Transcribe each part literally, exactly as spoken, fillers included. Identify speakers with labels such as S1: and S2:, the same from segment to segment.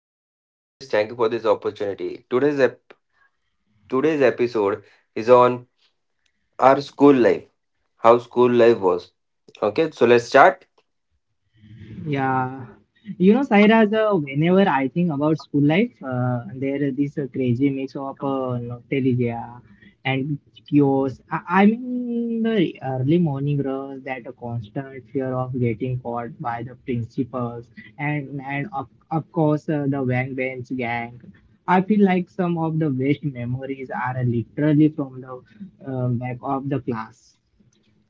S1: uh, hello Kamlesh. Thank you for this opportunity. Today's ep- today's episode is on our school life, how school life was. Okay, so let's start.
S2: Yeah. You know, Sairaj, uh, whenever I think about school life, uh, there is this uh, crazy mix of uh, nostalgia and chaos. I, I mean, the early morning runs, that constant fear of getting caught by the principals, and and of, of course uh, the Wang Bench gang. I feel like some of the best memories are literally from the uh, back of the class,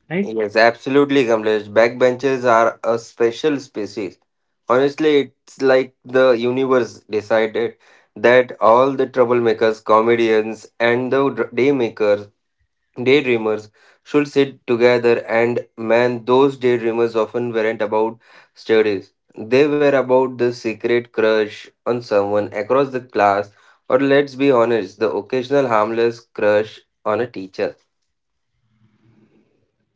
S2: right?
S1: Yes, absolutely, Kamlesh. Backbenchers are a special species. Honestly, it's like the universe decided that all the troublemakers, comedians, and the dr- daymakers Daydreamers should sit together, and man, those daydreamers often weren't about studies. They were about the secret crush on someone across the class, or let's be honest, the occasional harmless crush on a teacher.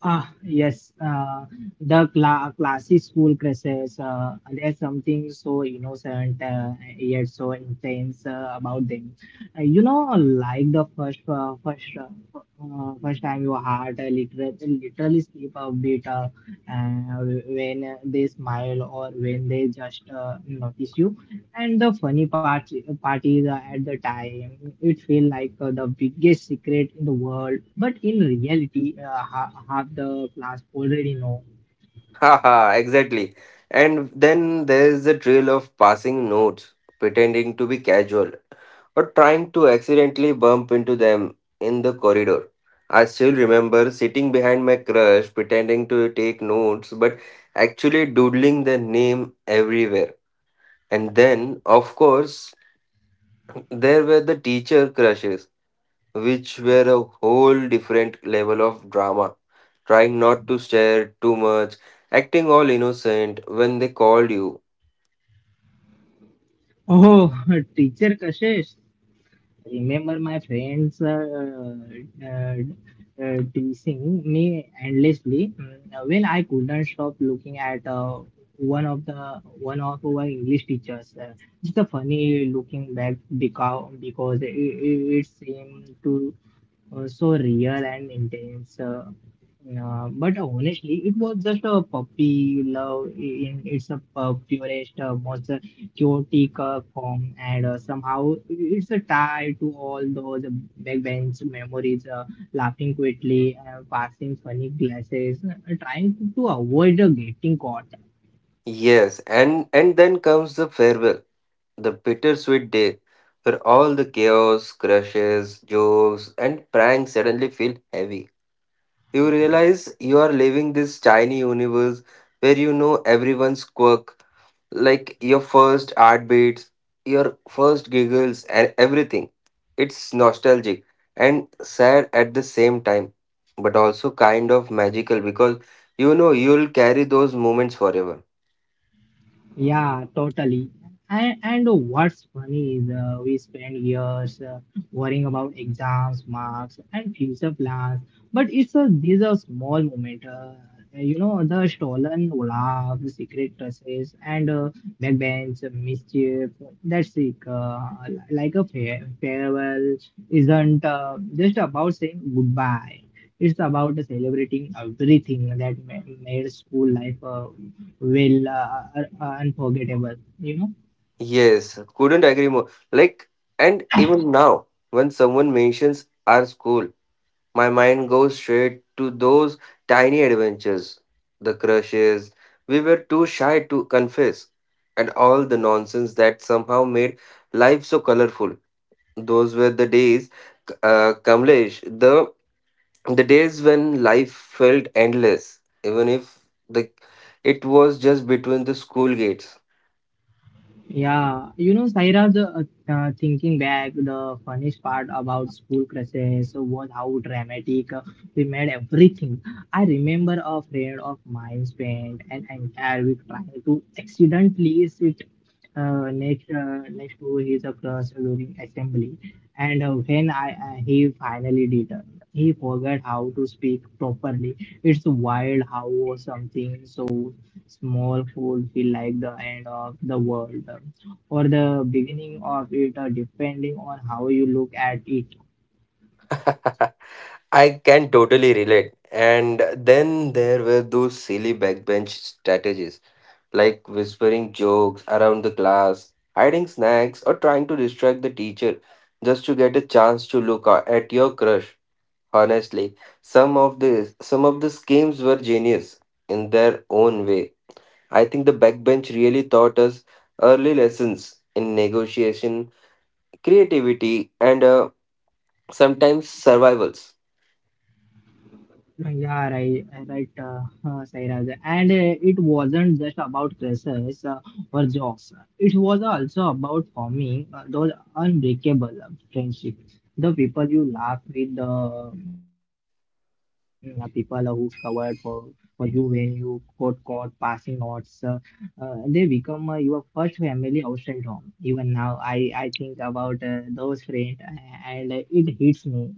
S2: Ah, yes, uh, the cla classic school crushes. Uh, there's something so innocent uh, yet so intense uh, about them. Uh, you know, like the first, uh, first, uh, uh, first time your heart uh, literally, literally skip a beat uh, uh, when they smile or when they just uh, notice you. And the funny part, part is uh, at the time, it felt like uh, the biggest secret in the world. But in reality, uh, ha- half the class already know.
S1: Haha, exactly. And then there's the trail of passing notes, pretending to be casual, or trying to accidentally bump into them in the corridor. I still remember sitting behind my crush, pretending to take notes, but actually doodling their name everywhere. And then, of course, there were the teacher crushes which were a whole different level of drama. Trying not to stare too much, acting all innocent when they called you.
S2: Oh, teacher Kashish, remember my friends uh, uh, uh, teasing me endlessly mm, when I couldn't stop looking at uh, one of the one of our English teachers. Uh, it's a funny looking back because because it, it, it seemed to uh, so real and intense. Uh, uh, but honestly, it was just a puppy love in its a purest, uh, most uh, chaotic uh, form, and uh, somehow it's a tie to all those backbench memories, uh, laughing quietly, uh, passing funny glasses, uh, trying to avoid uh, getting caught.
S1: Yes, and and then comes the farewell, the bittersweet day, where all the chaos, crushes, jokes, and pranks suddenly feel heavy. You realize you are living this tiny universe where you know everyone's quirk, like your first heartbeats, your first giggles, and everything. It's nostalgic and sad at the same time, but also kind of magical because you know you'll carry those moments forever.
S2: Yeah, totally. And and what's funny is uh, we spend years uh, worrying about exams, marks, and future plans. But it's a these are small moment. Uh, you know the stolen laugh, the secret touches, and uh, backbench mischief. That's it. Uh, like a fair, farewell isn't uh, just about saying goodbye. It's about celebrating everything that ma- made school life uh, will uh, are- are unforgettable, you know.
S1: Yes, couldn't agree more. Like, and even now, when someone mentions our school, my mind goes straight to those tiny adventures, the crushes we were too shy to confess, and all the nonsense that somehow made life so colorful. Those were the days, uh, Kamlesh, the the days when life felt endless, even if the it was just between the school gates.
S2: Yeah, you know, Saira's, uh, uh, thinking back, the funniest part about school crushes was how dramatic uh, we made everything. I remember a friend of mine spent an entire week trying to accidentally sit uh, next uh, next to his uh, crush during assembly, and uh, when I uh, he finally did. uh, he forgot how to speak properly. It's wild how something so small food feel like the end of the world, or the beginning of it, uh, depending on how you look at it.
S1: I can totally relate. And then there were those silly backbench strategies like whispering jokes around the class, hiding snacks, or trying to distract the teacher just to get a chance to look a- at your crush. Honestly, some of the some of the schemes were genius in their own way. I think the backbench really taught us early lessons in negotiation, creativity, and uh, sometimes survivals.
S2: Yeah, right, right, uh, uh, Sairaj. And uh, it wasn't just about classes uh, or jobs. It was also about forming uh, those unbreakable uh, friendships. The people you laugh with, the mm, uh, people uh, who covered for for you when you got caught passing notes. Uh, uh, they become uh, your first family outside home. Even now, I I think about uh, those friends, uh, and uh, it hits me.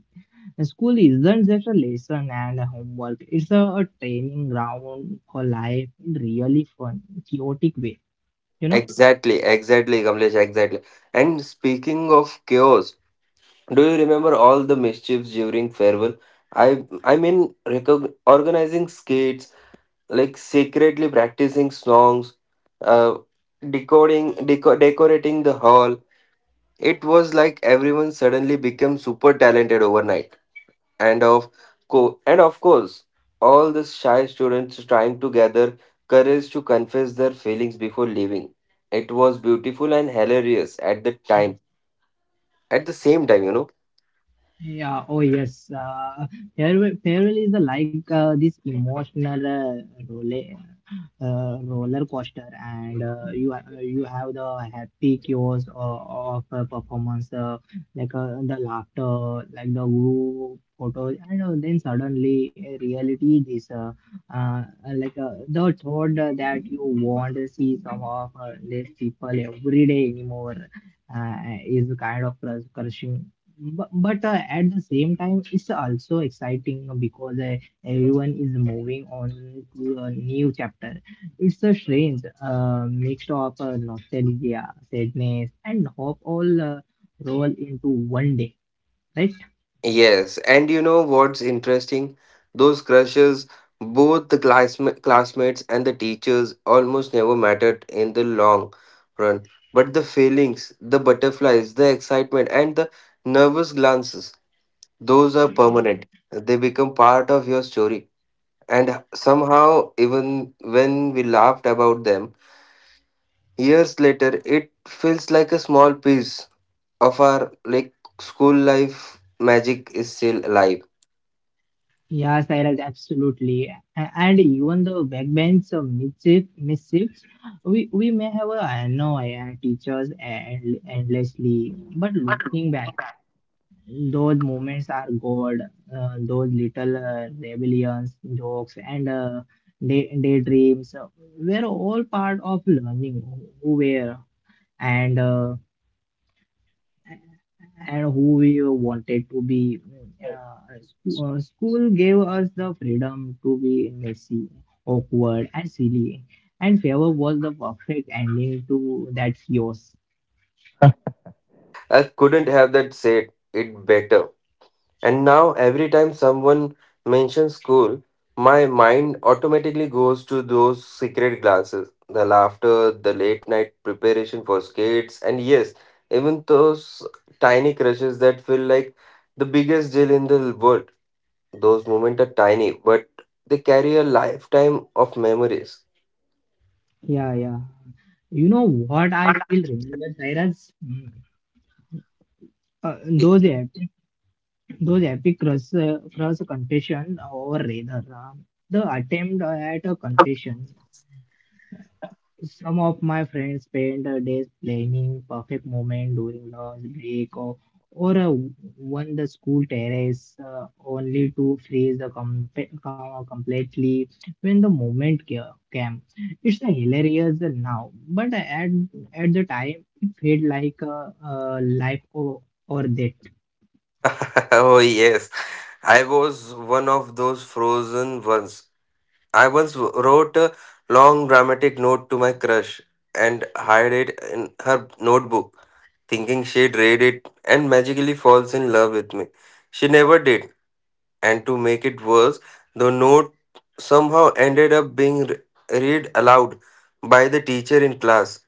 S2: School isn't just a lesson and a homework, it's a, a training ground for life in really fun, chaotic way. You know?
S1: Exactly, exactly, Kamlesh, exactly. And speaking of chaos, do you remember all the mischiefs during farewell? I I mean, recog- organizing skates, like secretly practicing songs, uh, decoding, deco- decorating the hall. It was like everyone suddenly became super talented overnight, and of co- and of course, all the shy students trying to gather courage to confess their feelings before leaving. It was beautiful and hilarious at the time. At the same time, you know.
S2: Yeah, oh yes. Uh, farewell, farewell is a, like uh, this emotional uh, roller uh, roller coaster, and uh, you ha- you have the happy chaos of, of a performance, uh, like uh, the laughter, like the group photos, and uh, then suddenly uh, reality is uh, uh, like uh, the thought that you want to see some of uh, these people every day anymore uh, is kind of crus- crushing, but, but uh, at the same time it's also exciting because uh, everyone is moving on to a new chapter. It's a strange, uh, mixed of uh, nostalgia, sadness, and hope all uh, roll into one day, right?
S1: Yes, and you know what's interesting? Those crushes, both the classma- classmates and the teachers, almost never mattered in the long run. But the feelings, the butterflies, the excitement, and the nervous glances, those are permanent. They become part of your story. And somehow, even when we laughed about them years later, it feels like a small piece of our like school life magic is still alive.
S2: Yeah, Sairaj, absolutely. A- And even the backbench of mischief, mischiefs, we, we may have uh, I know uh, teachers and endlessly, but looking back, those moments are gold. Uh, those little uh, rebellions, jokes, and uh, day, daydreams uh, were all part of learning who were, and uh, and who we wanted to be. Uh, sc- uh, school gave us the freedom to be messy, awkward, and silly, and favor was the perfect ending to that chaos.
S1: I couldn't have that said it better. And now, every time someone mentions school, my mind automatically goes to those secret glances, the laughter, the late night preparation for skates, and yes, even those tiny crushes that feel like the biggest deal in the world. Those moments are tiny, but they carry a lifetime of memories.
S2: Yeah, yeah. You know what I still remember, Cyrus? Mm. Uh, those epic, those epic cross, uh, cross confession, or rather uh, the attempt at a confession. Some of my friends spend their days planning perfect moment during lunch break or or uh, on the school terrace, uh, only to freeze the com- com- completely when the moment ca- came. It's a hilarious now, but at at the time it felt like a, a life, or, or death.
S1: Oh, yes, I was one of those frozen ones. I once w- wrote a long dramatic note to my crush and hid it in her notebook, thinking she'd read it and magically falls in love with me. She never did, and to make it worse, the note somehow ended up being re- read aloud by the teacher in class.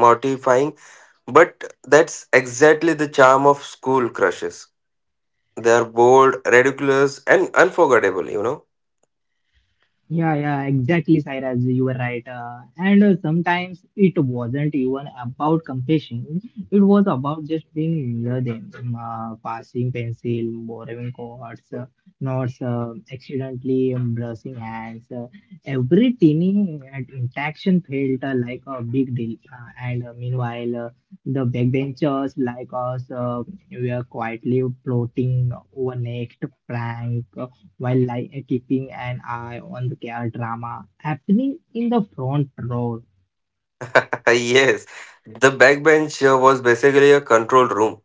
S1: Mortifying, but that's exactly the charm of school crushes. They are bold, ridiculous, and unforgettable, you know.
S2: Yeah, yeah, exactly, Sairaj. You were right. Uh, and uh, sometimes it wasn't even about compassion. It was about just being near them, um, uh, passing pencil, borrowing cords, uh, notes, uh, accidentally um, brushing hands. Uh, every teeny uh, interaction felt uh, like a big deal. Uh, and uh, meanwhile, uh, the backbenchers like us uh, were quietly plotting over next prank while like keeping an eye on the car drama happening in the front row.
S1: Yes, the backbench uh, was basically a control room.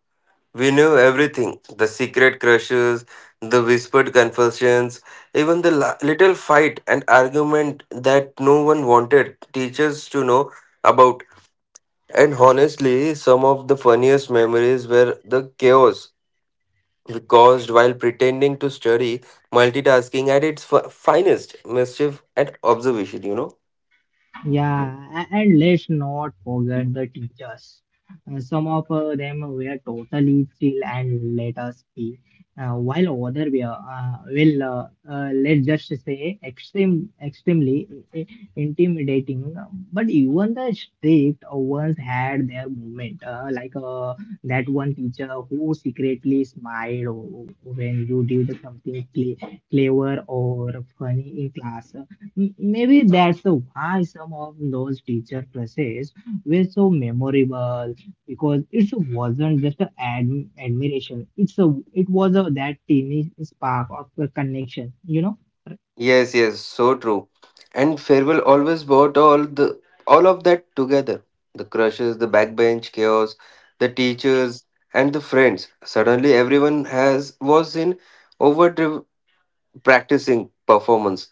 S1: We knew everything the secret crushes, the whispered confessions, even the la- little fight and argument that no one wanted teachers to know about. And honestly, some of the funniest memories were the chaos we caused while pretending to study, multitasking at its fi- finest, mischief and observation, you know.
S2: Yeah, a- and let's not forget the teachers. Uh, some of uh, them were totally chill and let us be, uh, while other were, uh, well, uh, uh, let's just say, extreme, extremely i- i- intimidating. But even the strict ones had their moment, uh, like uh, that one teacher who secretly smiled when you did something cle- clever or funny in class. M- Maybe that's the why some of those teacher classes were so memorable because it wasn't just an ad- admiration. It's a it was a that teeny spark of a connection. You know.
S1: Yes, yes, so true. And farewell always brought all the all of that together. The crushes, the backbench chaos, the teachers and the friends. Suddenly everyone has was in overdrive practicing performance,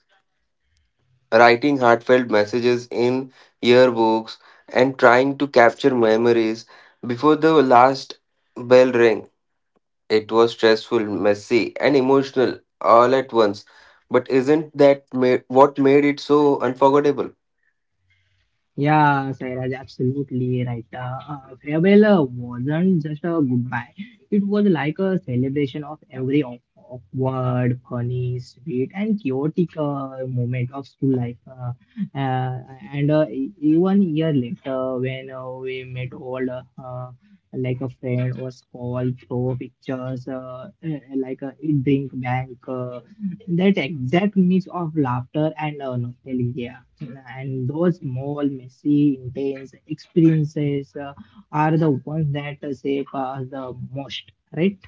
S1: writing heartfelt messages in yearbooks and trying to capture memories before the last bell rang. It was stressful, messy, and emotional all at once. But isn't that ma- what made it so unforgettable?
S2: Yeah, Sairaj, absolutely right. Uh, uh, farewell uh, wasn't just a goodbye. It was like a celebration of every aw- awkward, funny, sweet, and chaotic uh, moment of school life. Uh, uh, and uh, e- even year later, when uh, we met all uh, uh, like a friend or call through pictures, uh, uh, like a drink bank. uh, that exact mix of laughter and uh, nostalgia, and those small messy intense experiences uh, are the ones that uh, shape us the most, right?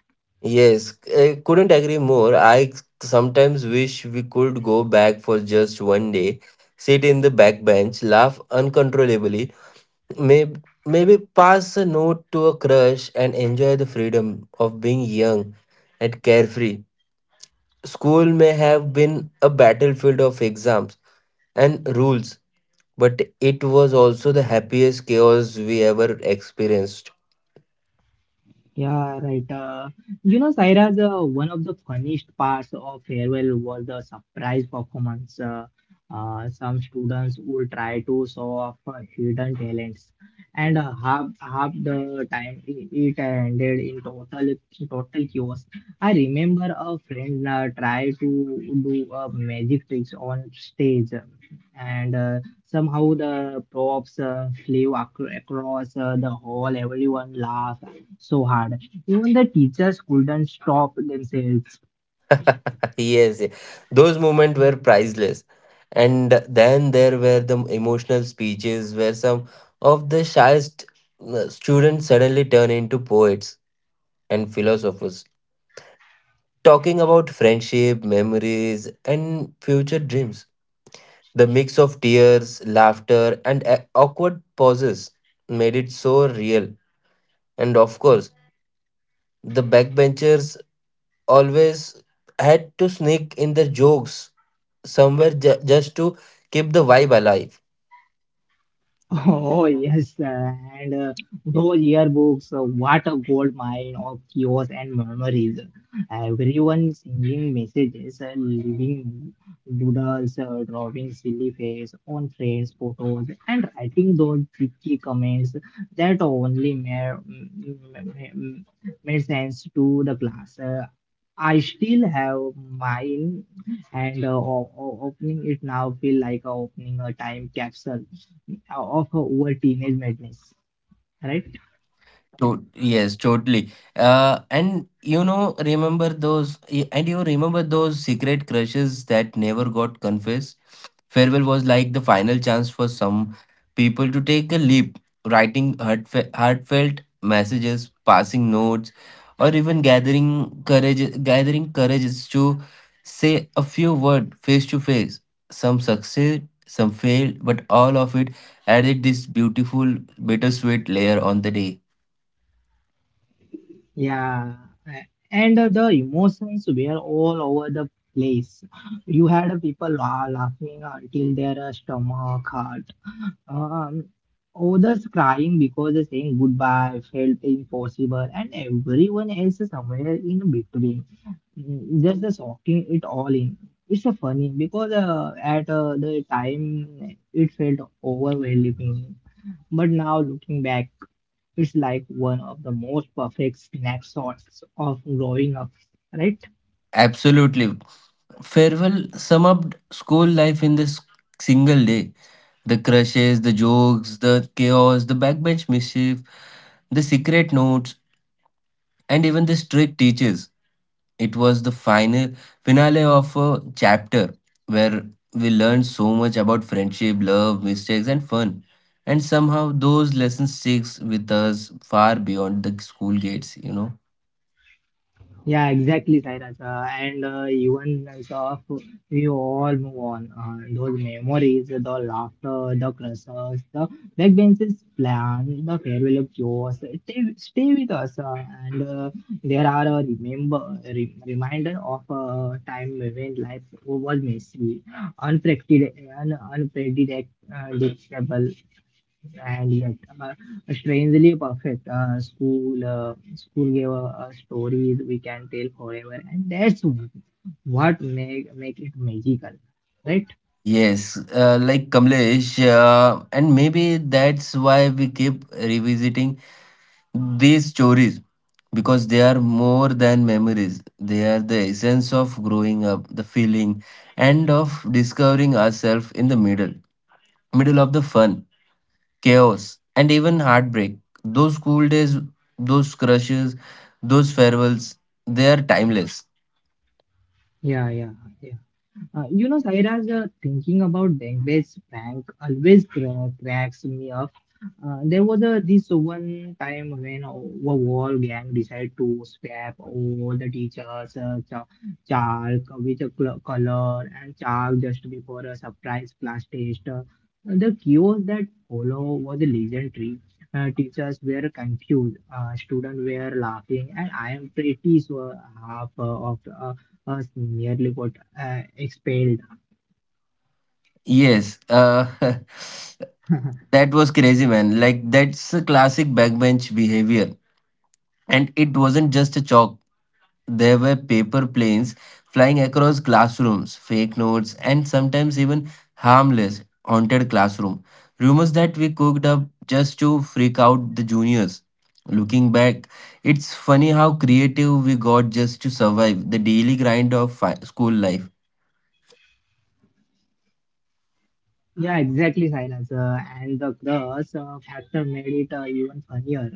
S1: Yes, I couldn't agree more. I sometimes wish we could go back for just one day, sit in the back bench, laugh uncontrollably, maybe, maybe pass a note to a crush, and enjoy the freedom of being young and carefree. School may have been a battlefield of exams and rules, but it was also the happiest chaos we ever experienced.
S2: Yeah, right. Uh, you know, Saira's, uh, one of the funniest parts of farewell was the surprise performance. Uh, uh, some students would try to show off uh, hidden talents, and uh, half half the time it, it ended in total total chaos. I remember a friend uh, tried to do uh, magic tricks on stage, and uh, somehow the props uh, flew ac across uh, the hall. Everyone laughed so hard. Even the teachers couldn't stop themselves.
S1: Yes, yes, those moments were priceless. And then there were the emotional speeches where some of the shyest uh, students suddenly turn into poets and philosophers, talking about friendship, memories, and future dreams. The mix of tears, laughter, and a- awkward pauses made it so real. And of course, the backbenchers always had to sneak in the jokes somewhere ju- just to keep the vibe alive.
S2: Oh yes, uh, and uh, those yearbooks, uh, what a gold mine of chaos and memories. Everyone singing messages, uh, leaving doodles, uh, drawing silly face on friends' photos, and writing those cheeky comments that only made, made sense to the class. Uh, I still have mine, and uh, o- o- opening it now feel like uh, opening a time capsule of our teenage madness, right?
S1: To- yes, totally. Uh, and you know, remember those, y- and you remember those secret crushes that never got confessed? Farewell was like the final chance for some people to take a leap, writing heartfe- heartfelt messages, passing notes, or even gathering courage, gathering courage is to say a few words face to face. Some succeed, some failed, but all of it added this beautiful, bittersweet layer on the day.
S2: Yeah, a- and uh, the emotions were all over the place. You had uh, people la- laughing until their uh, stomach hurt. Um, others crying because the saying goodbye felt impossible, and everyone else is somewhere in between. Mm, Just the soaking it all in. It's so funny because uh, at uh, the time it felt overwhelming, but now looking back. It's like one of the most perfect snapshots of growing up, right?
S1: Absolutely. Farewell sum up school life in this single day. The crushes, the jokes, the chaos, the backbench mischief, the secret notes, and even the strict teachers. It was the final finale of a chapter where we learned so much about friendship, love, mistakes, and fun. And somehow those lessons sticks with us far beyond the school gates, you know.
S2: Yeah, exactly, Sairaj. Uh, and uh, even as of we all move on, uh, those memories, the laughter, the crushes, the backbenches plan, the farewell of yours, stay, stay with us. Uh, and uh, there are a remember re- reminder of a time when life was messy, unpredictable, un- unpredictable, and yet uh, strangely perfect. Uh, school, uh, school gave uh, us stories we can tell forever, and that's what make make it magical, right?
S1: Yes, uh, like Kamlesh, uh, and maybe that's why we keep revisiting these stories because they are more than memories. They are the essence of growing up, the feeling, and of discovering ourselves in the middle, middle of the fun, chaos, and even heartbreak. Those school days, those crushes, those farewells, they are timeless.
S2: Yeah, yeah, yeah. Uh, you know, Sairaj, uh, thinking about Dengue's prank always cra- cracks me up. Uh, there was a this one time when a wall gang decided to swap all the teachers' uh, cha- chalk with a cl- color and chalk just before a surprise class test. Uh, the chaos that followed was legendary. Uh, teachers were confused, uh, students were laughing, and I am pretty sure half uh, of uh, uh, nearly got uh, expelled.
S1: Yes, uh, that was crazy, man. Like, that's a classic backbench behavior. And it wasn't just a chalk, there were paper planes flying across classrooms, fake notes, and sometimes even harmless, haunted classroom. Rumors that we cooked up just to freak out the juniors. Looking back, it's funny how creative we got just to survive the daily grind of fi- school life.
S2: Yeah, exactly, Silas. Uh, and the cross uh, factor made it uh, even funnier.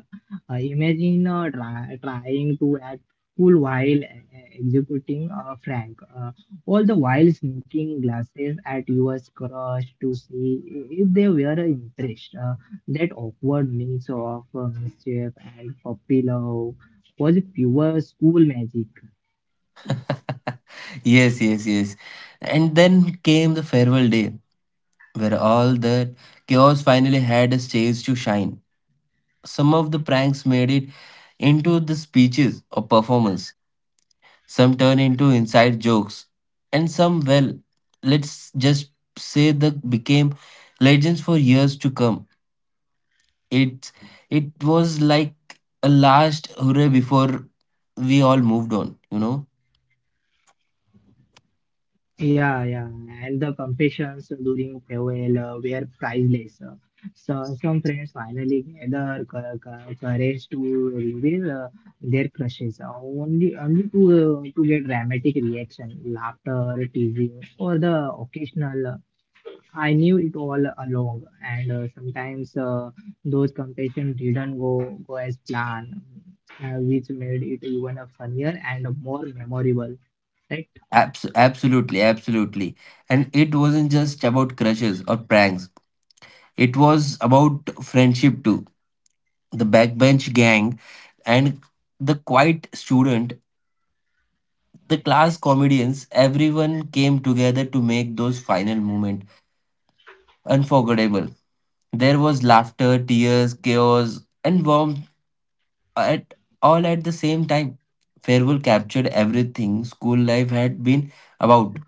S2: Uh, imagine uh, try, trying to act cool while uh, executing uh, Frank, uh, all the while sneaking glasses at your crush to see if they were impressed. Uh, that awkward mix of uh, mischief and puppy love was pure school magic.
S1: Yes, yes, yes. And then came the farewell day where all that chaos finally had a stage to shine. Some of the pranks made it into the speeches or performance, some turned into inside jokes, and some, well, let's just say that became legends for years to come. It, it was like a last hurrah before we all moved on, you know?
S2: Yeah, yeah, and the competitions during farewell uh, were priceless. Uh, so some friends finally gather co- co- courage to reveal uh, their crushes, uh, only only to uh, to get dramatic reaction, laughter, teasing, or the occasional. Uh, I knew it all along, and uh, sometimes uh, those competitions didn't go go as planned, uh, which made it even uh, funnier and more memorable, right?
S1: Abs- absolutely, absolutely. And it wasn't just about crushes or pranks. It was about friendship too the backbench gang, and the quiet student, the class comedians, everyone came together to make those final moments unforgettable. There was laughter, tears, chaos, and warmth at all at the same time. Farewell captured everything school life had been about.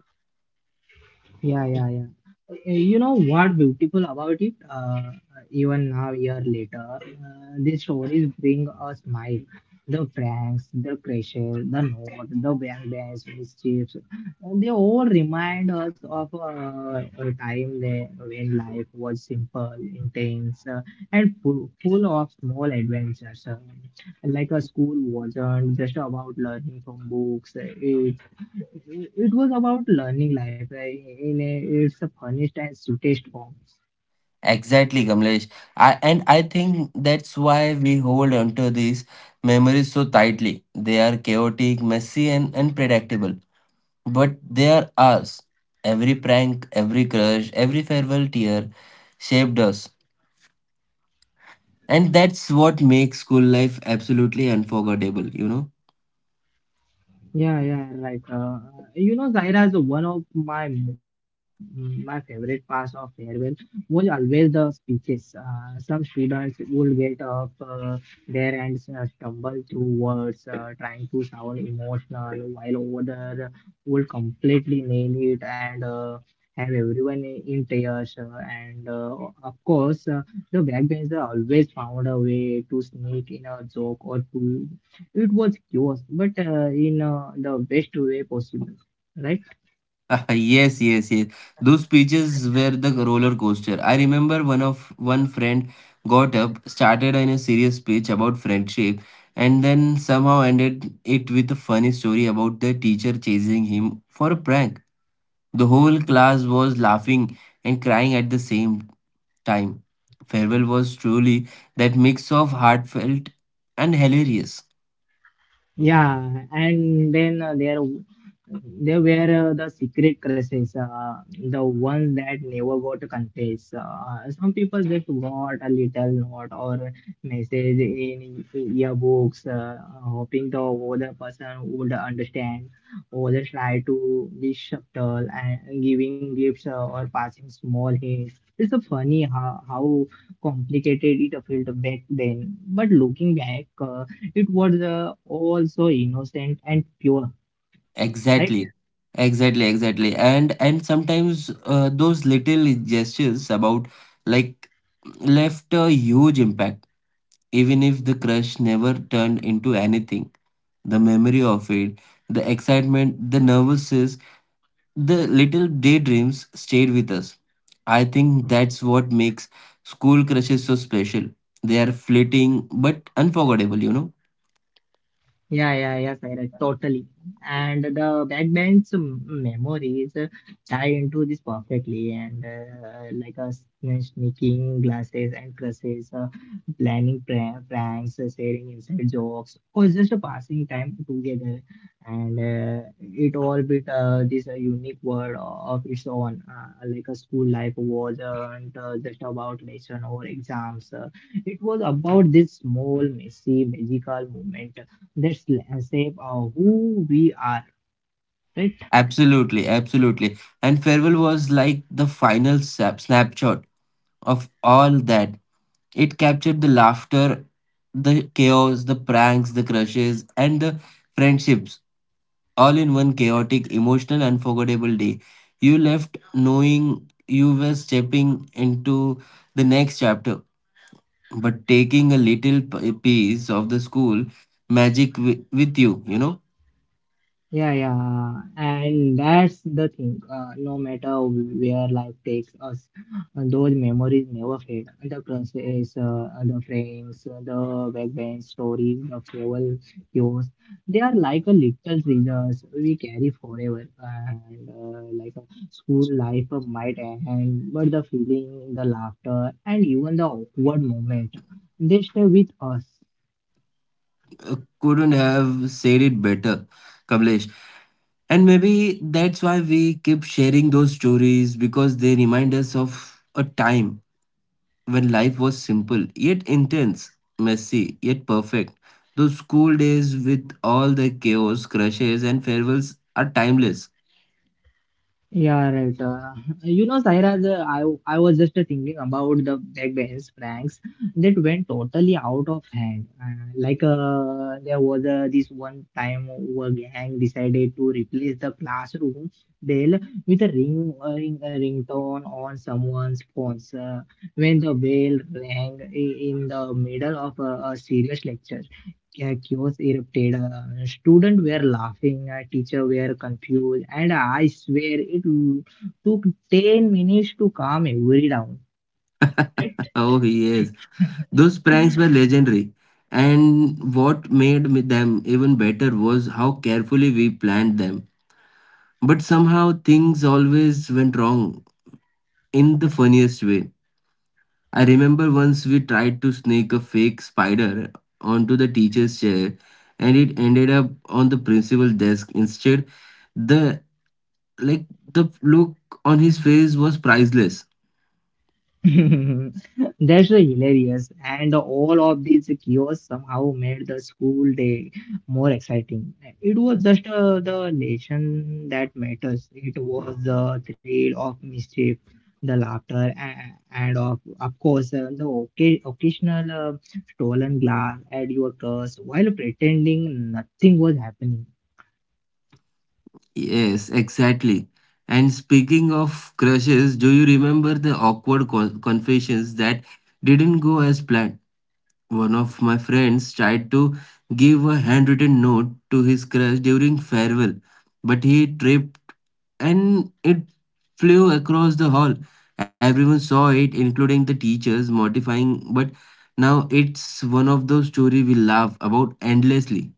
S2: Yeah, yeah, yeah. Uh, You know what beautiful about it? Uh, even now, year later, uh, these stories bring a smile. The pranks, the crashes, the note, the bank dash, mischiefs, uh, they all remind us of uh, a time there when life was simple, intense, uh, and full, full of small adventures. Uh, like a school wasn't just about learning from books. Uh, It it was about learning library in a, its a funniest and sweetest form.
S1: Exactly, Kamlesh. I, and I think that's why we hold onto these memories so tightly. They are chaotic, messy, and unpredictable but they are us. Every prank, every crush, every farewell tear shaped us. And that's what makes school life absolutely unforgettable, you know?
S2: Yeah, yeah, like uh, you know, Zaira is one of my mm, my favorite parts of farewell was always the speeches. Uh, some students would get up uh, there and uh, stumble through words, uh, trying to sound emotional, while others would completely nail it and uh, have everyone in tears. Uh, and uh, Of course, uh, the backbencher always found a way to sneak in a joke or two. It was chaos, but uh, in uh, the best way possible, right?
S1: Yes, yes, yes. Those speeches were the roller coaster. I remember one of one friend got up, started in a serious speech about friendship, and then somehow ended it with a funny story about the teacher chasing him for a prank. The whole class was laughing and crying at the same time. Farewell was truly that mix of heartfelt and hilarious.
S2: Yeah, and then uh, there w- there were uh, the secret crushes, uh, the ones that never got confessed. Uh, some people just got a little note or message in yearbooks, uh, hoping the other person would understand, or they try to be subtle and giving gifts uh, or passing small hints. It's a funny how, how complicated it felt back then, but looking back. Uh, it was uh, all so innocent and pure, right?
S1: Exactly. Exactly, exactly. And and sometimes uh, those little gestures about like left a huge impact even if the crush never turned into anything. The memory of it, the excitement, the nervousness, the little daydreams stayed with us. I think that's what makes school crushes so special. They are fleeting but unforgettable, you know.
S2: Yeah, yeah, yeah, Sairaj, totally. And the backbench um, memories uh, tie into this perfectly, and uh, like us uh, sneaking glasses and crushes, uh, planning pra- pranks, uh, sharing inside jokes, or just uh, passing time together. And uh, it all with uh, this uh, unique world of its own. Uh, like a school life wasn't uh, just about lesson or exams. Uh, it was about this small, messy, magical moment. Let's l- shape uh, who we are, right?
S1: Absolutely, absolutely. And farewell was like the final sap- snapshot of all that. It captured the laughter, the chaos, the pranks, the crushes, and the friendships all in one chaotic, emotional, unforgettable day. You left knowing you were stepping into the next chapter, but taking a little p- piece of the school magic wi- with you, you know.
S2: Yeah, yeah, and that's the thing. Uh, no matter where life takes us, uh, those memories never fade. The crushes, uh, the frames, uh, the backbench stories, the travel cues, they are like a little treasures we carry forever. And uh, like a school life might end, but the feeling, the laughter, and even the awkward moment, they stay with us.
S1: Couldn't have said it better, Kamlesh. And maybe that's why we keep sharing those stories because they remind us of a time when life was simple, yet intense, messy, yet perfect. Those school days with all the chaos, crushes, and farewells are timeless.
S2: Yeah, right. Uh, you know, Saira, the, I, I was just thinking about the backbench pranks that went totally out of hand. Uh, like, uh, there was uh, this one time a gang decided to replace the classroom bell with a ring, a ring, a ringtone on someone's phone. Uh, when the bell rang i- in the middle of a, a serious lecture, yeah, chaos erupted. Uh, students were laughing, uh, teacher were confused, and I swear it took ten minutes to calm everybody down.
S1: Oh, yes. Those pranks were legendary. And what made me- them even better was how carefully we planned them. But somehow things always went wrong in the funniest way. I remember once we tried to snake a fake spider onto the teacher's chair, and it ended up on the principal desk instead. The like the look on his face was priceless.
S2: That's the hilarious. And all of these kiosks somehow made the school day more exciting. It was just uh, the lesson that matters. It was the thrill of mischief, the laughter, and, and of, of course, uh, the oca- occasional uh, stolen glass at your curse while pretending nothing was happening.
S1: Yes, exactly. And speaking of crushes, do you remember the awkward co- confessions that didn't go as planned? One of my friends tried to give a handwritten note to his crush during farewell, but he tripped and it flew across the hall. Everyone saw it, including the teachers, mortifying, but now it's one of those stories we laugh about endlessly.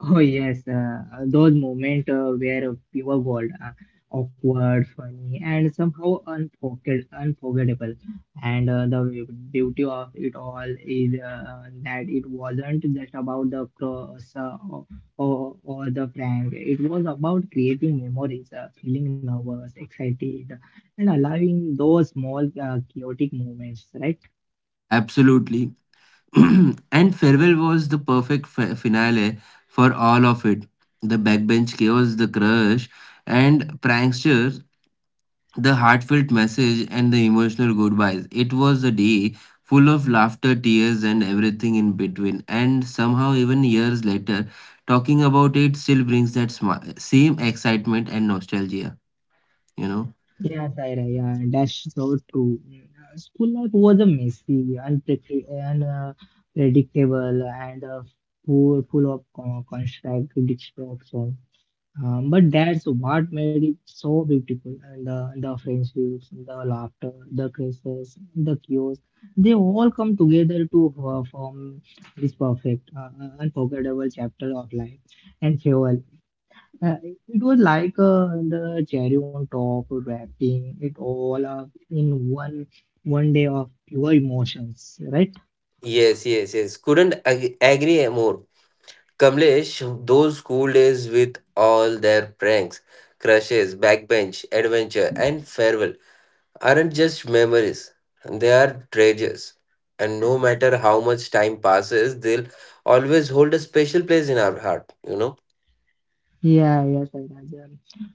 S2: Oh yes, uh, those moments uh, where uh, we were bold, uh, awkward, funny, and somehow unforget- unforgettable. And uh, the beauty of it all is uh, that it wasn't just about the cross uh, or, or, or the prank. It was about creating memories, uh, feeling nervous, excited, and allowing those small uh, chaotic moments, right?
S1: Absolutely. And farewell was the perfect fi- finale for all of it. The backbench chaos, the crush, and pranksters, the heartfelt message, and the emotional goodbyes. It was a day full of laughter, tears, and everything in between. And somehow, even years later, talking about it still brings that smi- same excitement and nostalgia, you know.
S2: Yes, Ira, yeah, yeah, that's so true. Mm, Uh, School life was a messy, unpredictable, and uh, predictable, and uh, full full of con- constant distraction. Um, but that's what made it so beautiful. And the the friendships, the laughter, the crises, the chaos, they all come together to uh, form this perfect, uh, uh, unforgettable chapter of life. And farewell, uh, it was like uh, the cherry on top, wrapping it all up in one one day of pure emotions, right?
S1: Yes, yes, yes. Couldn't ag- agree more, Kamlesh. Those school days with all their pranks, crushes, backbench, adventure, and farewell aren't just memories, they are treasures. And no matter how much time passes, they'll always hold a special place in our heart, you know.
S2: Yeah, yeah, Sairaj. Um,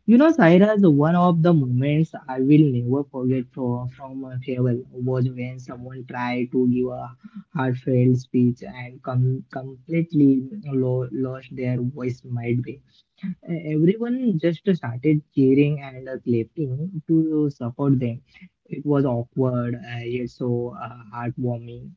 S2: You know, Sairaj, one of the moments I will never forget from, from uh, travel was when someone tried to give a heartfelt speech and com completely lo lost their voice midway. E-, Everyone just started cheering and uh, clapping to support them. It was awkward, uh, yet so uh, heartwarming.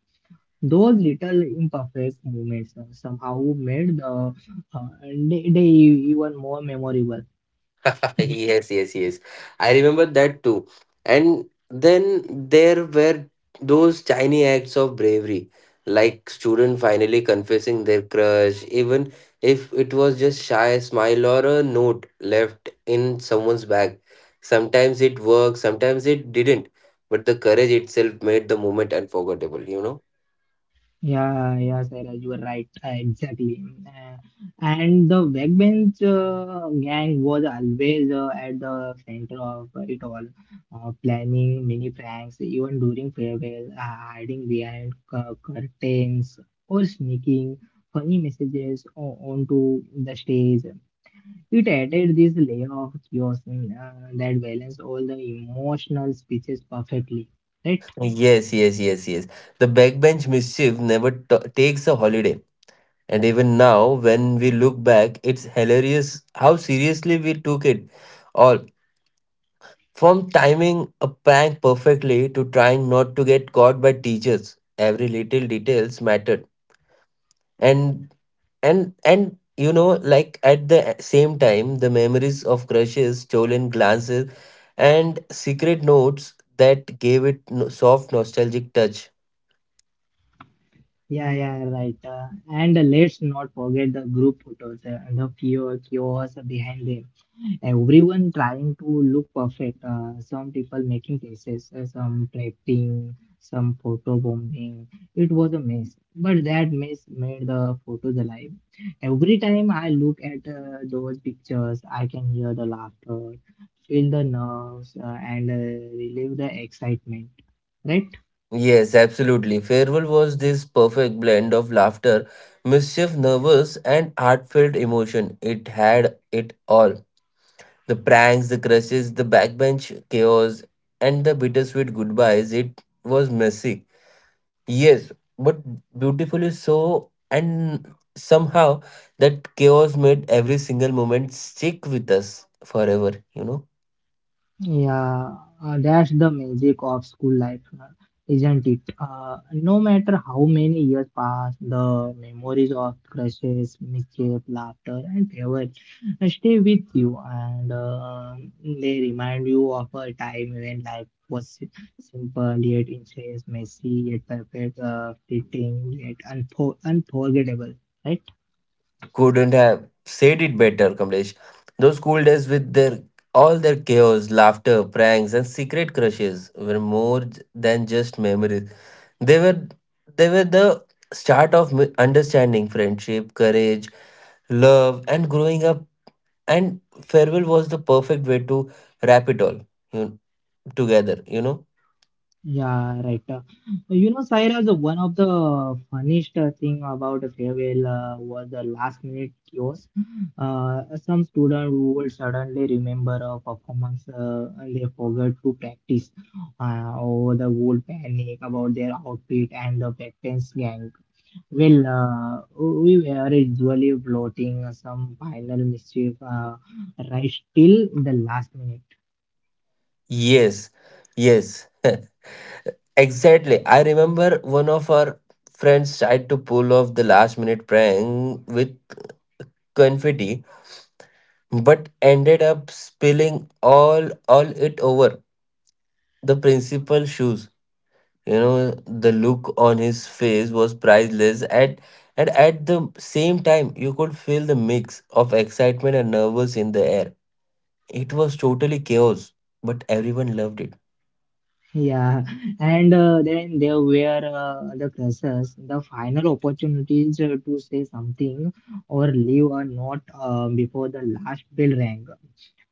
S2: Those little imperfect moments uh, somehow made the uh, day, day even more memorable.
S1: Yes, yes, yes. I remember that too. And then there were those tiny acts of bravery, like student finally confessing their crush, even if it was just shy smile or a note left in someone's bag. Sometimes it worked, sometimes it didn't. But the courage itself made the moment unforgettable, you know?
S2: Yeah, yeah, Sairaj, you were right. Uh, exactly. Uh, and the backbench uh, gang was always uh, at the center of it all, uh, planning mini pranks, even during farewell, uh, hiding behind cu- curtains or sneaking funny messages o- onto the stage. It added this layer of chaos uh, that balanced all the emotional speeches perfectly, right?
S1: Yes, yes, yes, yes. The backbench mischief never t- takes a holiday. And even now, when we look back, it's hilarious how seriously we took it all. From timing a prank perfectly to trying not to get caught by teachers, every little details mattered. And and and you know, like at the same time, the memories of crushes, stolen glances, and secret notes that gave it no- soft nostalgic touch.
S2: Yeah, yeah, right. Uh, and uh, Let's not forget the group photos, uh, the few chaos behind them. Everyone trying to look perfect. Uh, some people making faces, uh, some trapping, some photo bombing. It was a mess, but that mess made the photos alive. Every time I look at uh, those pictures, I can hear the laughter, feel the nerves, uh, and uh, relive the excitement. Right?
S1: Yes, absolutely. Farewell was this perfect blend of laughter, mischief, nervous, and heartfelt emotion. It had it all. The pranks, the crushes, the backbench chaos, and the bittersweet goodbyes. It was messy. Yes, but beautifully so, and somehow that chaos made every single moment stick with us forever, you know.
S2: Yeah, uh, that's the magic of school life, uh, isn't it? Uh, no matter how many years pass, the memories of crushes, mischief, laughter, and favor stay with you, and uh, they remind you of a time when life was si- simple yet intense, messy yet perfect, uh, fitting yet unfor unforgettable, right?
S1: Couldn't have said it better, Kamlesh. Those school days with their all their chaos, laughter, pranks, and secret crushes were more j- than just memories. They were they were the start of mi- understanding, friendship, courage, love, and growing up. And farewell was the perfect way to wrap it all you know, together. You know.
S2: Yeah, right. Uh, you know, Sairaj, one of the funniest uh, thing about the farewell uh, was the last minute chaos. Uh, some student who will suddenly remember a performance uh, and they forgot to practice, uh, or the whole panic about their outfit and the backbench gang. Well, uh, we were usually floating some final mischief uh, right till the last minute.
S1: Yes, yes, exactly. I remember one of our friends tried to pull off the last minute prank with confetti, but ended up spilling all all it over the principal's shoes. You know, the look on his face was priceless, at and at the same time you could feel the mix of excitement and nervous in the air. It was totally chaos, but everyone loved it.
S2: Yeah, and uh, then there were uh, the classes, the final opportunities uh, to say something or leave a note uh, before the last bell rang.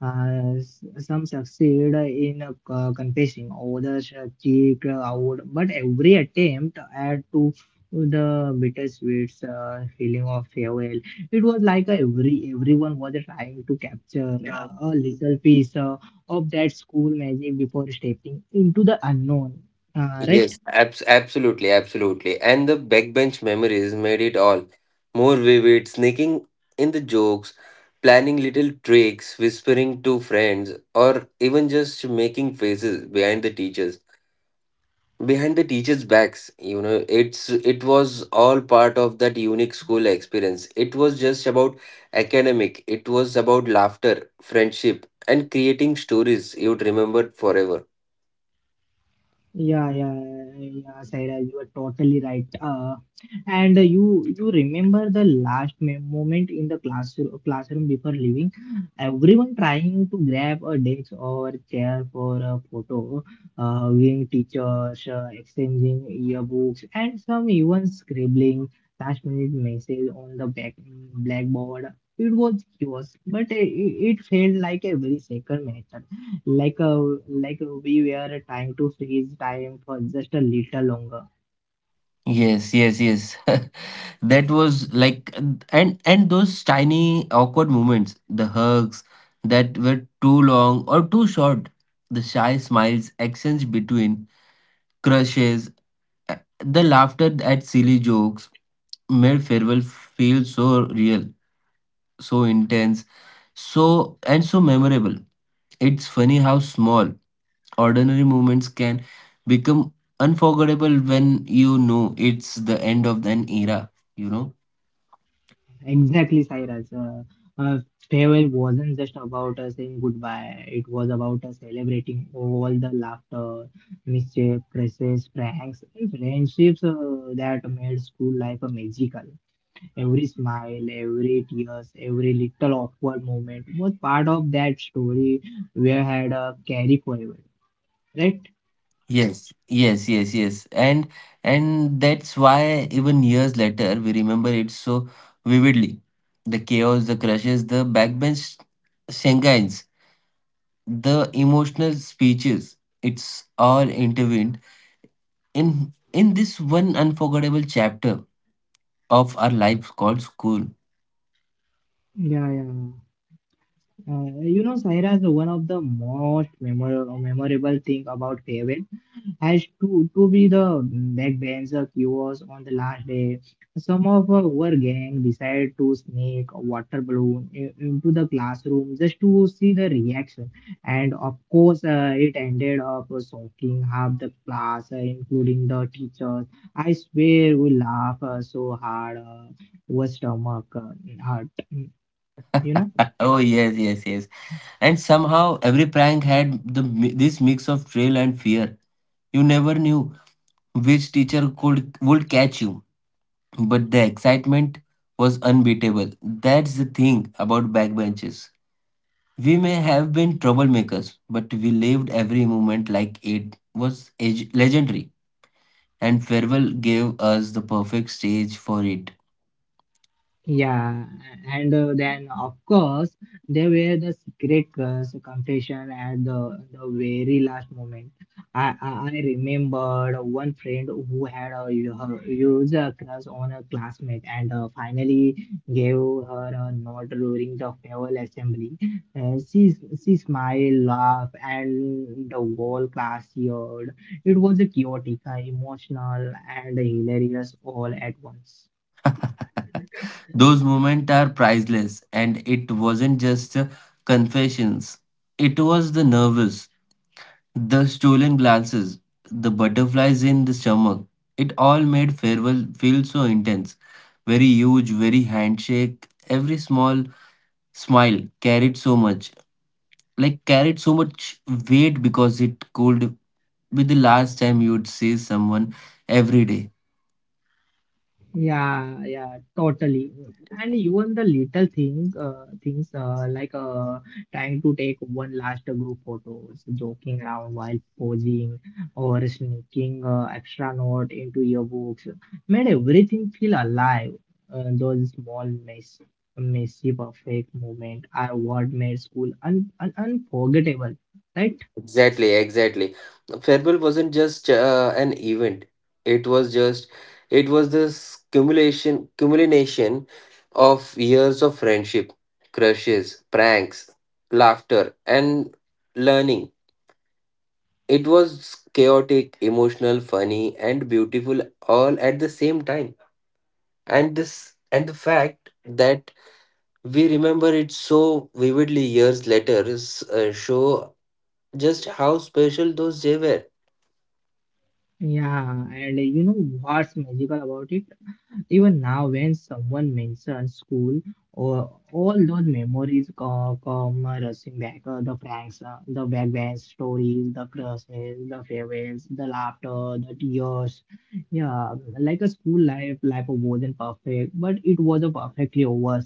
S2: Uh, s- some succeed in uh, co- confessing, others uh, cheek out, but every attempt add to the bittersweet uh, feeling of farewell. It was like uh, every everyone was trying to capture uh, a little piece uh, of that school magic before stepping into the unknown. Uh, right?
S1: Yes, abs- absolutely, absolutely. And the backbench memories made it all more vivid, sneaking in the jokes, planning little tricks, whispering to friends, or even just making faces behind the teachers. Behind the teachers' backs, you know, it's it was all part of that unique school experience. It was just about academic, it was about laughter, friendship, and creating stories you'd remember forever.
S2: Yeah, yeah, yeah, Saira, you are totally right. Uh, and you you remember the last me- moment in the classroom classroom before leaving, everyone trying to grab a desk or chair for a photo, uh, hugging teachers, uh, exchanging yearbooks, and some even scribbling last minute message on the back blackboard. It was chaos, but it, it felt like a very sacred match, like a, like we were trying to freeze time for just a little longer.
S1: Yes, yes, yes. That was like, and and those tiny awkward moments, the hugs that were too long or too short, the shy smiles exchanged between crushes, uh, the laughter at silly jokes made farewell feel so real, so intense, so and so memorable. It's funny how small, ordinary moments can become unforgettable when you know it's the end of an era, you know?
S2: Exactly, Cyrus. uh, uh, Farewell wasn't just about us saying goodbye. It was about us celebrating all the laughter, mischief, presses, pranks, and friendships uh, that made school life a magical. Every smile, every tears, every little awkward moment was part of that story we had uh, carry forever, right?
S1: Yes, yes, yes, yes. And and that's why even years later we remember it so vividly. The chaos, the crashes, the backbench shenanigans, the emotional speeches. It's all intervened in in this one unforgettable chapter of our lives called school.
S2: Yeah, yeah. Uh, you know, Saira, is one of the most memorable memorable thing about Haven has to to be the backbencher was on the last day. Some of our gang decided to sneak a water balloon i- into the classroom just to see the reaction. And of course, uh, it ended up soaking half the class, uh, including the teachers. I swear we laugh uh, so hard, uh, our stomach uh, hurt, you know.
S1: Oh yes, yes, yes. And somehow every prank had the mi- this mix of thrill and fear. You never knew which teacher could would catch you, but the excitement was unbeatable. That's the thing about backbenches. We may have been troublemakers, but we lived every moment like it was eg- legendary, and farewell gave us the perfect stage for it.
S2: Yeah, and uh, then of course there were the secret uh, confession at the the very last moment. I, I I remembered one friend who had a u- her- huge uh, crush on a classmate and uh, finally gave her a note during the farewell assembly. Uh, she she smiled, laughed, and the whole class cheered. It was a chaotic, uh, emotional, and hilarious all at once.
S1: Those moments are priceless, and it wasn't just uh, confessions. It was the nervous, the stolen glances, the butterflies in the stomach, it all made farewell feel so intense. Very huge, very handshake, every small smile carried so much, like carried so much weight because it could be the last time you'd see someone every day.
S2: Yeah, yeah, totally. And even the little thing, uh, things uh, like uh, trying to take one last group photos, joking around while posing, or sneaking uh, extra note into your books, made everything feel alive. Uh, those small mess, messy, perfect moment are what made school un un unforgettable, right?
S1: Exactly, exactly. Farewell wasn't just uh, an event. It was just, it was this cumulation, culmination of years of friendship, crushes, pranks, laughter, and learning. It was chaotic, emotional, funny, and beautiful all at the same time. And this, and the fact that we remember it so vividly years later is, uh, show just how special those days were.
S2: Yeah, and you know what's magical about it? Even now, when someone mentions school, or all those memories co- come rushing back. Uh, the pranks, uh, the backbench stories, the crushes, the farewells, the laughter, the tears. Yeah, like a school life, life wasn't perfect, but it was a perfectly over.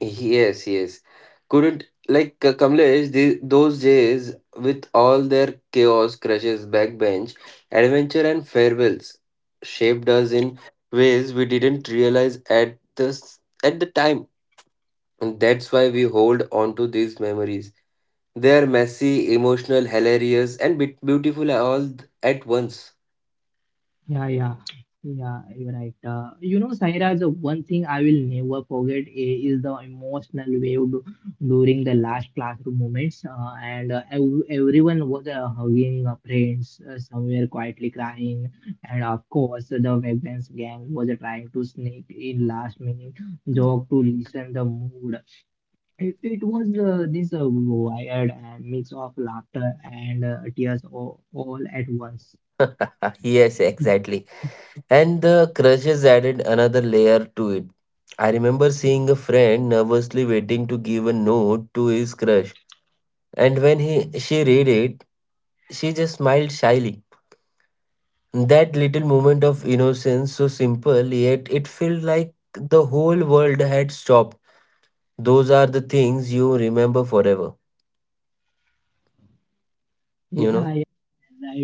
S1: Yes, yes. Couldn't like K- Kamlesh, the, those days with all their chaos, crashes, backbench, adventure, and farewells shaped us in ways we didn't realize at the s- at the time, and that's why we hold on to these memories. They are messy, emotional, hilarious, and bit beautiful all at once.
S2: Yeah, yeah, yeah, you're right. Uh, you know, Sairaj, the one thing I will never forget i- is the emotional wave du- during the last classroom moments. Uh, and uh, ev Everyone was uh, hugging uh, friends, uh, somewhere quietly crying. And of course, the Wegmans gang was uh, trying to sneak in last minute joke to listen the mood. It, it was uh, this uh, wired uh, mix of laughter and uh, tears all, all at once.
S1: Yes, exactly. And the crushes added another layer to it. I remember seeing a friend nervously waiting to give a note to his crush, and when he she read it, she just smiled shyly. That little moment of innocence, so simple, yet it felt like the whole world had stopped. Those are the things you remember forever, you
S2: Yeah,
S1: know?
S2: right,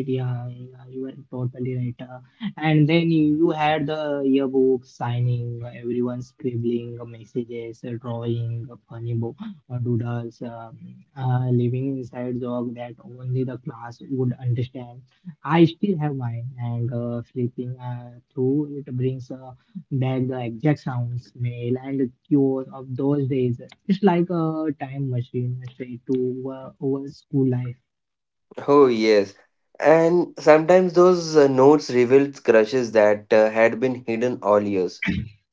S2: yeah, yeah, you are totally right. Uh, and then you, you had the yearbook signing, uh, everyone scribbling uh, messages, uh, drawing uh, funny bo uh, doodles, um, uh, living inside joke that only the class would understand. I still have mine, and uh, sleeping uh, through it brings uh, back the exact sound, smell, and the cure of those days. It's like a time machine uh, straight to uh, over school life.
S1: Oh, yes. And sometimes those uh, notes revealed crushes that uh, had been hidden all years.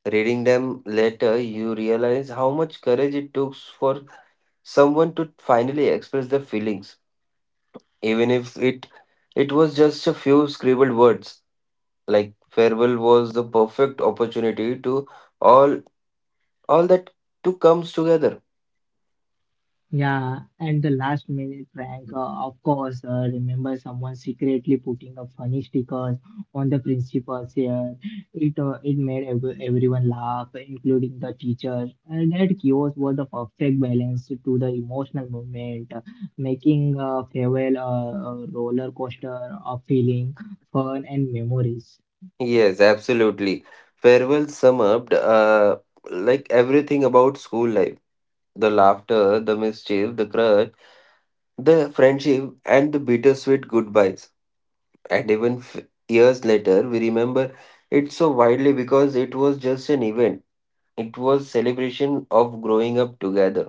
S1: Reading them later, you realize how much courage it took for someone to finally express their feelings, even if it it was just a few scribbled words. Like farewell was the perfect opportunity to all all that to comes together.
S2: Yeah, and the last minute prank, uh, of course, uh, remember someone secretly putting up funny stickers on the principal's hair. It uh, it made ev everyone laugh, including the teachers. And that chaos was the perfect balance to the emotional moment, uh, making a farewell a, a roller coaster of feeling, fun, and memories.
S1: Yes, absolutely. Farewell sum up uh, like everything about school life. The laughter, the mischief, the crush, the friendship, and the bittersweet goodbyes. And even f- years later we remember it so widely because it was just an event, it was celebration of growing up together.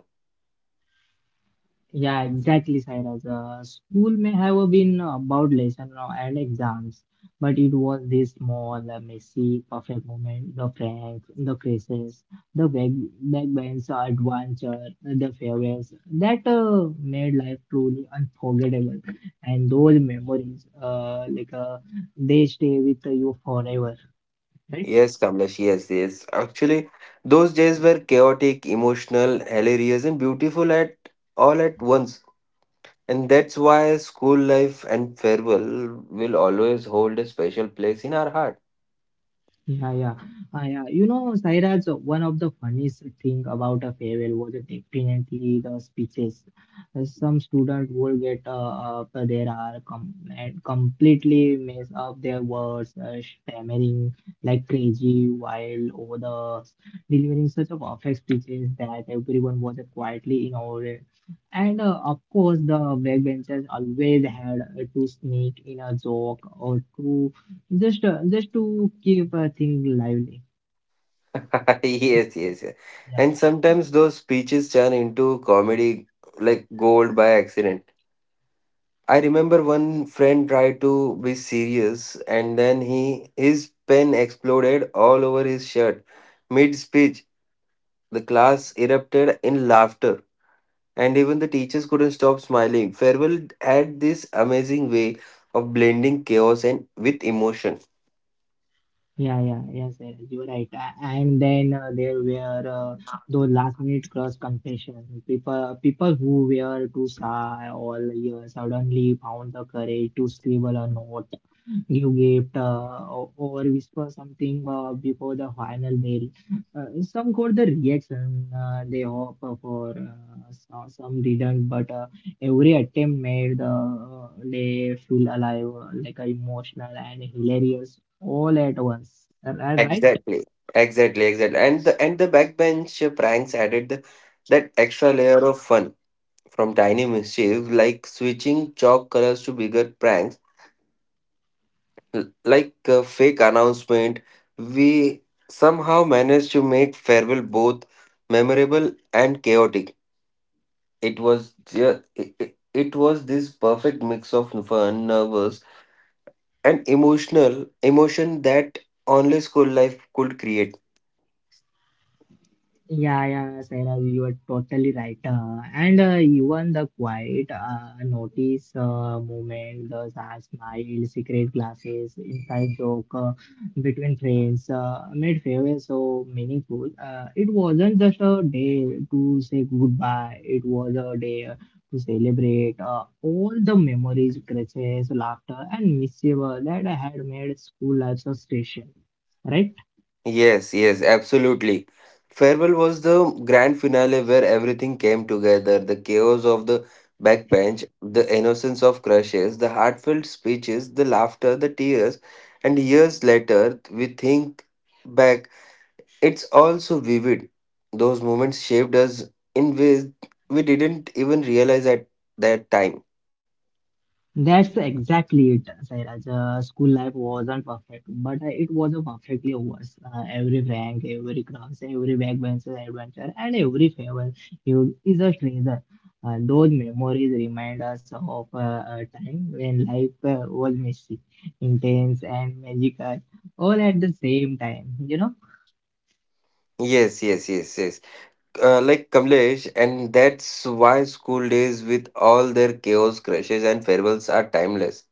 S2: Yeah, exactly, Sairaj. Uh, school may have been about lesson uh, and exams, but it was this small, the messy, perfect moment, the pranks, the crisis, the back backbench adventure, the farewells that uh, made life truly unforgettable. And those memories, uh, like uh, they stay with you forever, right?
S1: Yes, Kamlesh, yes, yes, actually, those days were chaotic, emotional, hilarious, and beautiful at all at once. And that's why school life and farewell will always hold a special place in our heart.
S2: Yeah, yeah. Ah, yeah. You know, Sairaj, one of the funniest thing about a farewell was definitely the speeches. Uh, Some student would get uh, up uh, there are com and completely mess up their words, uh, stammering like crazy while over the delivering such a perfect speeches that everyone was quietly in awe. And uh, of course, the backbenchers always had uh, to sneak in a joke or two just, uh, just to keep a thing lively.
S1: Yes, yes, yes. And
S2: Yeah.
S1: sometimes those speeches turn into comedy like gold by accident. I remember one friend tried to be serious and then he his pen exploded all over his shirt. Mid speech, the class erupted in laughter and even the teachers couldn't stop smiling. Farewell had this amazing way of blending chaos and with emotion.
S2: Yeah, yeah, yeah, sir. You're right. A- And then uh, there were uh, those last-minute cross confessions. People, people who were too shy all year suddenly found the courage to scribble a note you get uh, o- or whisper something uh, before the final bell. Uh, some got the reaction uh, they hope for uh, so- some didn't, but uh, every attempt made the uh, day feel alive, uh, like uh, emotional and hilarious all at once. Am I right?
S1: Exactly. Exactly, exactly. And the and the backbench pranks added the, that extra layer of fun, from tiny mischief like switching chalk colors to bigger pranks like a fake announcement, we somehow managed to make farewell both memorable and chaotic. It was ju- it, it it was this perfect mix of fun, nervous, and emotional emotion that only school life could create.
S2: Yeah, yeah, Sarah, you are totally right. Uh, and uh, Even the quiet uh, notice uh, movement, the sad smile, secret glasses, inside joke uh, between friends uh, made farewell so meaningful. Uh, it wasn't just a day to say goodbye, it was a day uh, to celebrate uh, all the memories, crashes, laughter, and mischief uh, that had made school life so special, right?
S1: Yes, yes, absolutely. Farewell was the grand finale where everything came together, the chaos of the backbench, the innocence of crushes, the heartfelt speeches, the laughter, the tears, and years later we think back. It's all so vivid. Those moments shaped us in ways we didn't even realize at that time.
S2: That's exactly it, Sairaj. Uh, school life wasn't perfect, but uh, it was a perfectly worse. Uh, every prank, every cross, every backbench adventure, and every favor you is a treasure. Uh, those memories remind us of uh, a time when life uh, was messy, intense, and magical all at the same time. You know.
S1: Yes, yes, yes, yes. Uh, like Kamlesh, and that's why school days, with all their chaos, crashes, and farewells, are timeless.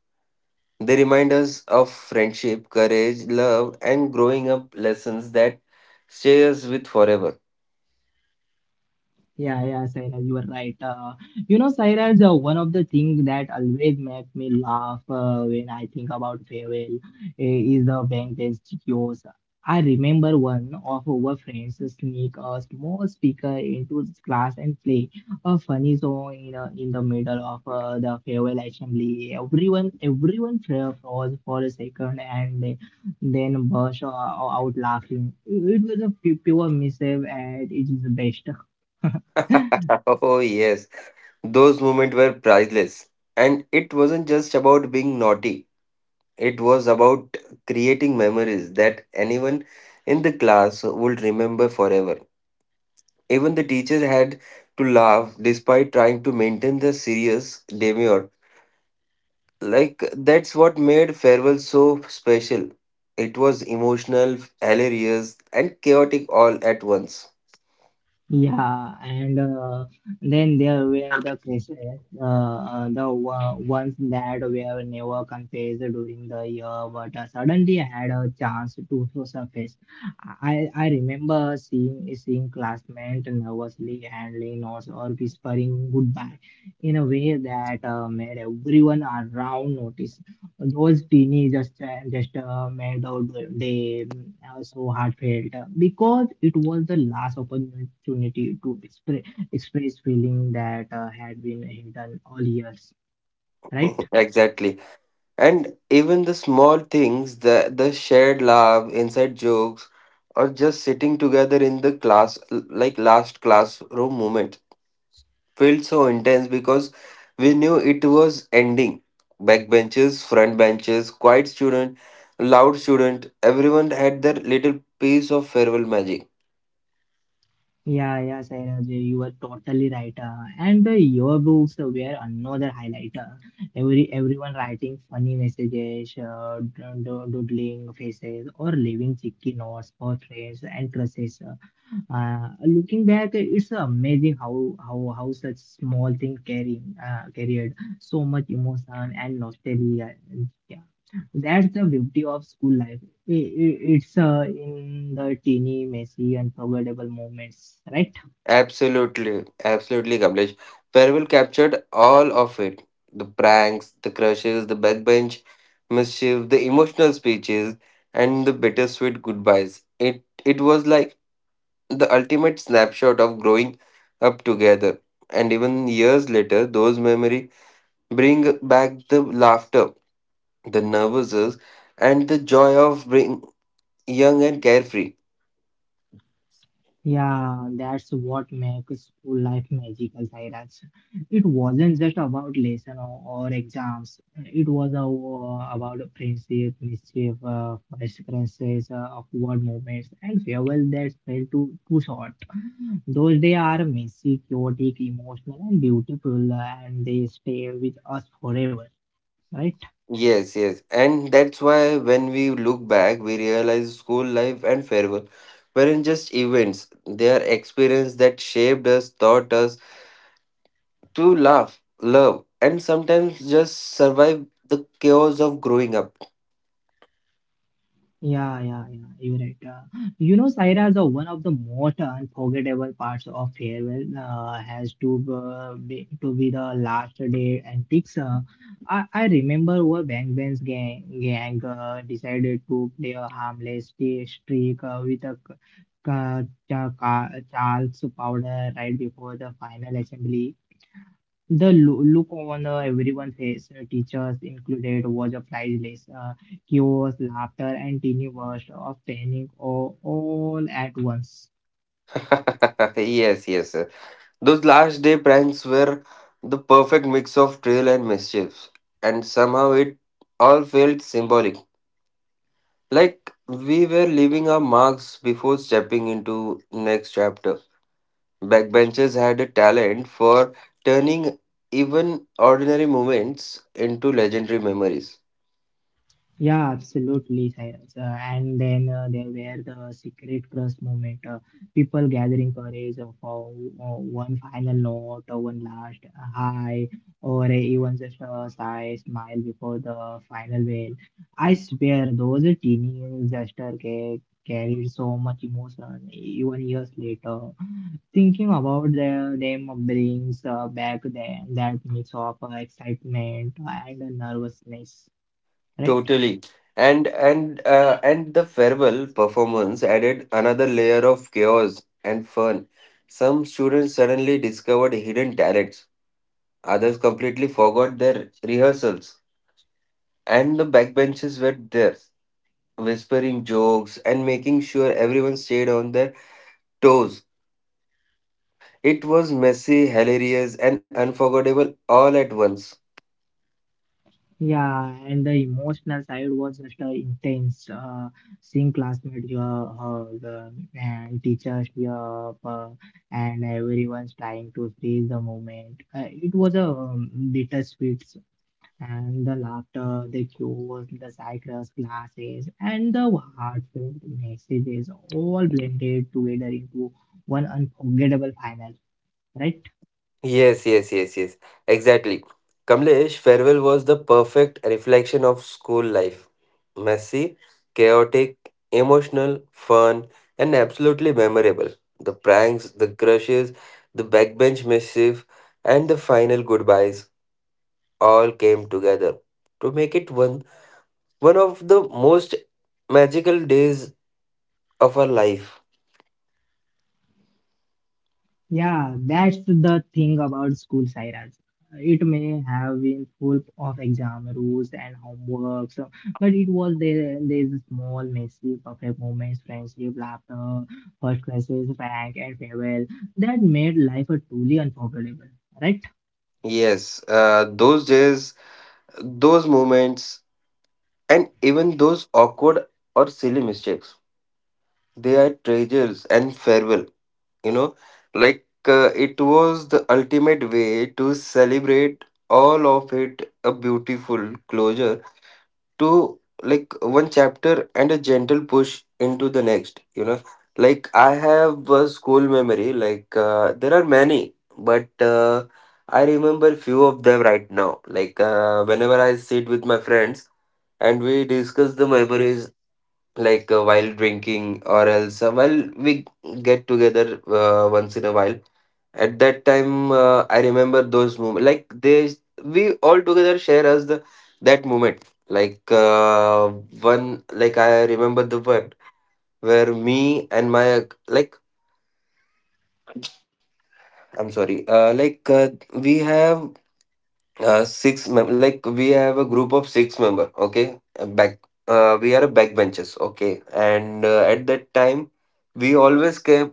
S1: They remind us of friendship, courage, love, and growing up lessons that stay us with forever.
S2: Yeah, yeah, Sairaj, you are right. Uh, you know, Sairaj, uh, one of the things that always make me laugh uh, when I think about farewell eh, is the bank bench kiosk. I remember one of our friends sneak a small speaker into his class and play a funny song in, uh, in the middle of uh, the farewell assembly. Everyone, everyone fra- froze for a second and they then burst uh, out laughing. It was a pu- pure mischief and it is the best.
S1: Oh, yes, those moments were priceless. And it wasn't just about being naughty, it was about creating memories that anyone in the class would remember forever. Even the teachers had to laugh despite trying to maintain the serious demeanor. Like that's what made farewell so special. It was emotional, hilarious, and chaotic all at once.
S2: Yeah, and uh, then there were the cases, uh, uh, the wa- ones that were never confessed during the year, but uh, suddenly had a chance to surface. I, I remember seeing seeing classmates nervously handling notes or whispering goodbye in a way that uh, made everyone around notice those teeny just uh, just uh, made out they uh, so heartfelt uh, because it was the last opportunity to express express feeling that uh, had been hidden all years, right?
S1: Exactly. And even the small things, the the shared laugh, inside jokes, or just sitting together in the class, like last classroom moment felt so intense because we knew it was ending. Backbenchers, front benches, quiet student, loud student, everyone had their little piece of farewell magic.
S2: Yeah, yeah, Sairaj, you are totally right. uh, and uh, Your books were another highlight, uh, every everyone writing funny messages uh, do- do- doodling faces or leaving cheeky notes for friends and crushes. Uh, Uh, looking back, it's amazing how how how such small thing carrying uh, carried so much emotion and nostalgia. Yeah, that's the beauty of school life. I i it's uh, in the teeny, messy, unforgettable moments, right?
S1: Absolutely, absolutely, Kamlesh. Farewell captured all of it. The pranks, the crushes, the backbench mischief, the emotional speeches, and the bittersweet goodbyes. It it was like the ultimate snapshot of growing up together. And even years later, those memory bring back the laughter, the nervousness, and the joy of being young and carefree.
S2: Yeah, that's what makes school life magical, Sairaj. It wasn't just about lesson or, or exams. It was a, uh, about friendship, mischief, uh, first crushes, uh, awkward moments, and farewell that felt too, too short. Those days are messy, chaotic, emotional, and beautiful, uh, and they stay with us forever, right?
S1: Yes, yes. And that's why when we look back, we realize school life and farewell weren't just events, they are experiences that shaped us, taught us to laugh, love, and sometimes just survive the chaos of growing up.
S2: Yeah, yeah, yeah. You're right. Uh, you know, Saira, the one of the most unforgettable parts of farewell uh, has to uh, be to be the last day antics. Uh, I, I remember where Bang Bang's gang, gang uh, decided to play a harmless t- streak uh, with a c- ca- cha- ca- Charles powder right before the final assembly. The lo- look on uh, everyone's face, uh, teachers included, was a priceless. Uh, chaos, laughter, and teeny burst of panic all, all at once.
S1: Yes, yes. Those last day pranks were the perfect mix of trail and mischief, and somehow it all felt symbolic. Like we were leaving our marks before stepping into next chapter. Backbenchers had a talent for turning even ordinary moments into legendary memories.
S2: Yeah, absolutely, Cyrus. Uh, and then uh, there were the secret crush moment. Uh, people gathering courage uh, for uh, one final note, or one last hi, or even just a shy smile before the final bell. I swear, those teeny gestures ca- carried so much emotion even years later. Thinking about the, them brings uh, back the, that mix of uh, excitement and nervousness, right?
S1: Totally. And and uh, and the farewell performance added another layer of chaos and fun. Some students suddenly discovered hidden talents, others completely forgot their rehearsals, and the backbenchers were there, whispering jokes and making sure everyone stayed on their toes. It was messy, hilarious, and unforgettable all at once.
S2: Yeah, and the emotional side was just uh, intense. Uh, seeing classmates, your uh, the, and teachers, your uh, and everyone's trying to freeze the moment. Uh, it was a um, bittersweet, and the laughter, the cues, the cycles, classes, and the heartfelt messages all blended together into one unforgettable final. Right?
S1: Yes, yes, yes, yes. Exactly. Kamlesh, farewell was the perfect reflection of school life. Messy, chaotic, emotional, fun, and absolutely memorable. The pranks, the crushes, the backbench mischief, and the final goodbyes all came together to make it one one of the most magical days of our life.
S2: Yeah, that's the thing about school, Sairaj. It may have been full of exam rules and homework, so, but it was there. There's a small, messy, perfect moments, friendship, laughter, first classes, rank, and farewell that made life a truly unforgettable, right?
S1: Yes, uh, those days, those moments. And even those awkward or silly mistakes, they are treasures. And farewell, you know, like uh, it was the ultimate way to celebrate all of it, a beautiful closure to like one chapter and a gentle push into the next, you know. Like I have a school memory, like uh, there are many, but uh, I remember few of them right now. Like uh, whenever I sit with my friends, and we discuss the memories like uh, while drinking or else uh, well we get together uh, once in a while. At that time uh, I remember those moments, like they, we all together share as the that moment, like uh, one, like I remember the one where me and my like, I'm sorry, uh, like uh, we have uh, six mem- like we have a group of six member, okay? And back uh, we are backbenchers, okay? And uh, at that time we always came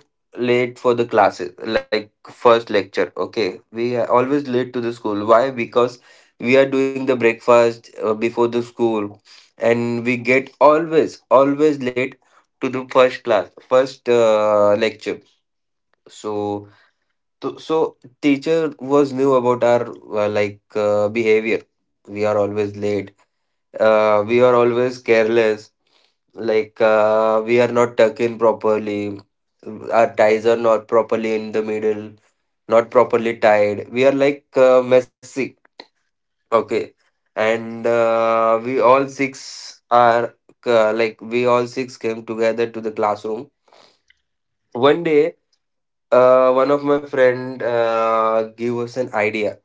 S1: late for the classes, like first lecture, okay? We are always late to the school, why? Because we are doing the breakfast uh, before the school and we get always always late to the first class, first uh, lecture. So Th- so teacher was new about our uh, like uh, behavior. We are always late. Uh, we are always careless. Like uh, we are not tucked in properly. Our ties are not properly in the middle. Not properly tied. We are like uh, messy. Okay, and uh, we all six are uh, like we all six came together to the classroom. One day, uh, one of my friend uh, gave us an idea,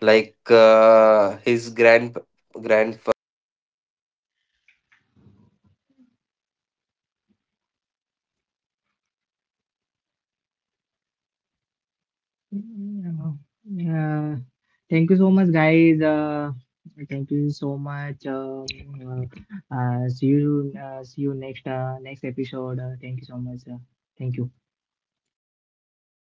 S1: like uh, his grand grandfather or his father gets uh, like uh, you know that tapkir, uh, it puts,
S2: Yeah.
S1: uh, you can put
S2: Yeah.
S1: in the n-
S2: Thank you
S1: nose
S2: so much,
S1: and
S2: guys.
S1: you
S2: Uh,
S1: can start
S2: thank
S1: uh,
S2: you so
S1: like
S2: much.
S1: uh,
S2: Um,
S1: squeeze,
S2: uh, uh, see
S1: sneak,
S2: you. Uh, see you
S1: sneaking.
S2: next uh, next episode. Uh, thank you so much. Uh, thank you.
S1: So like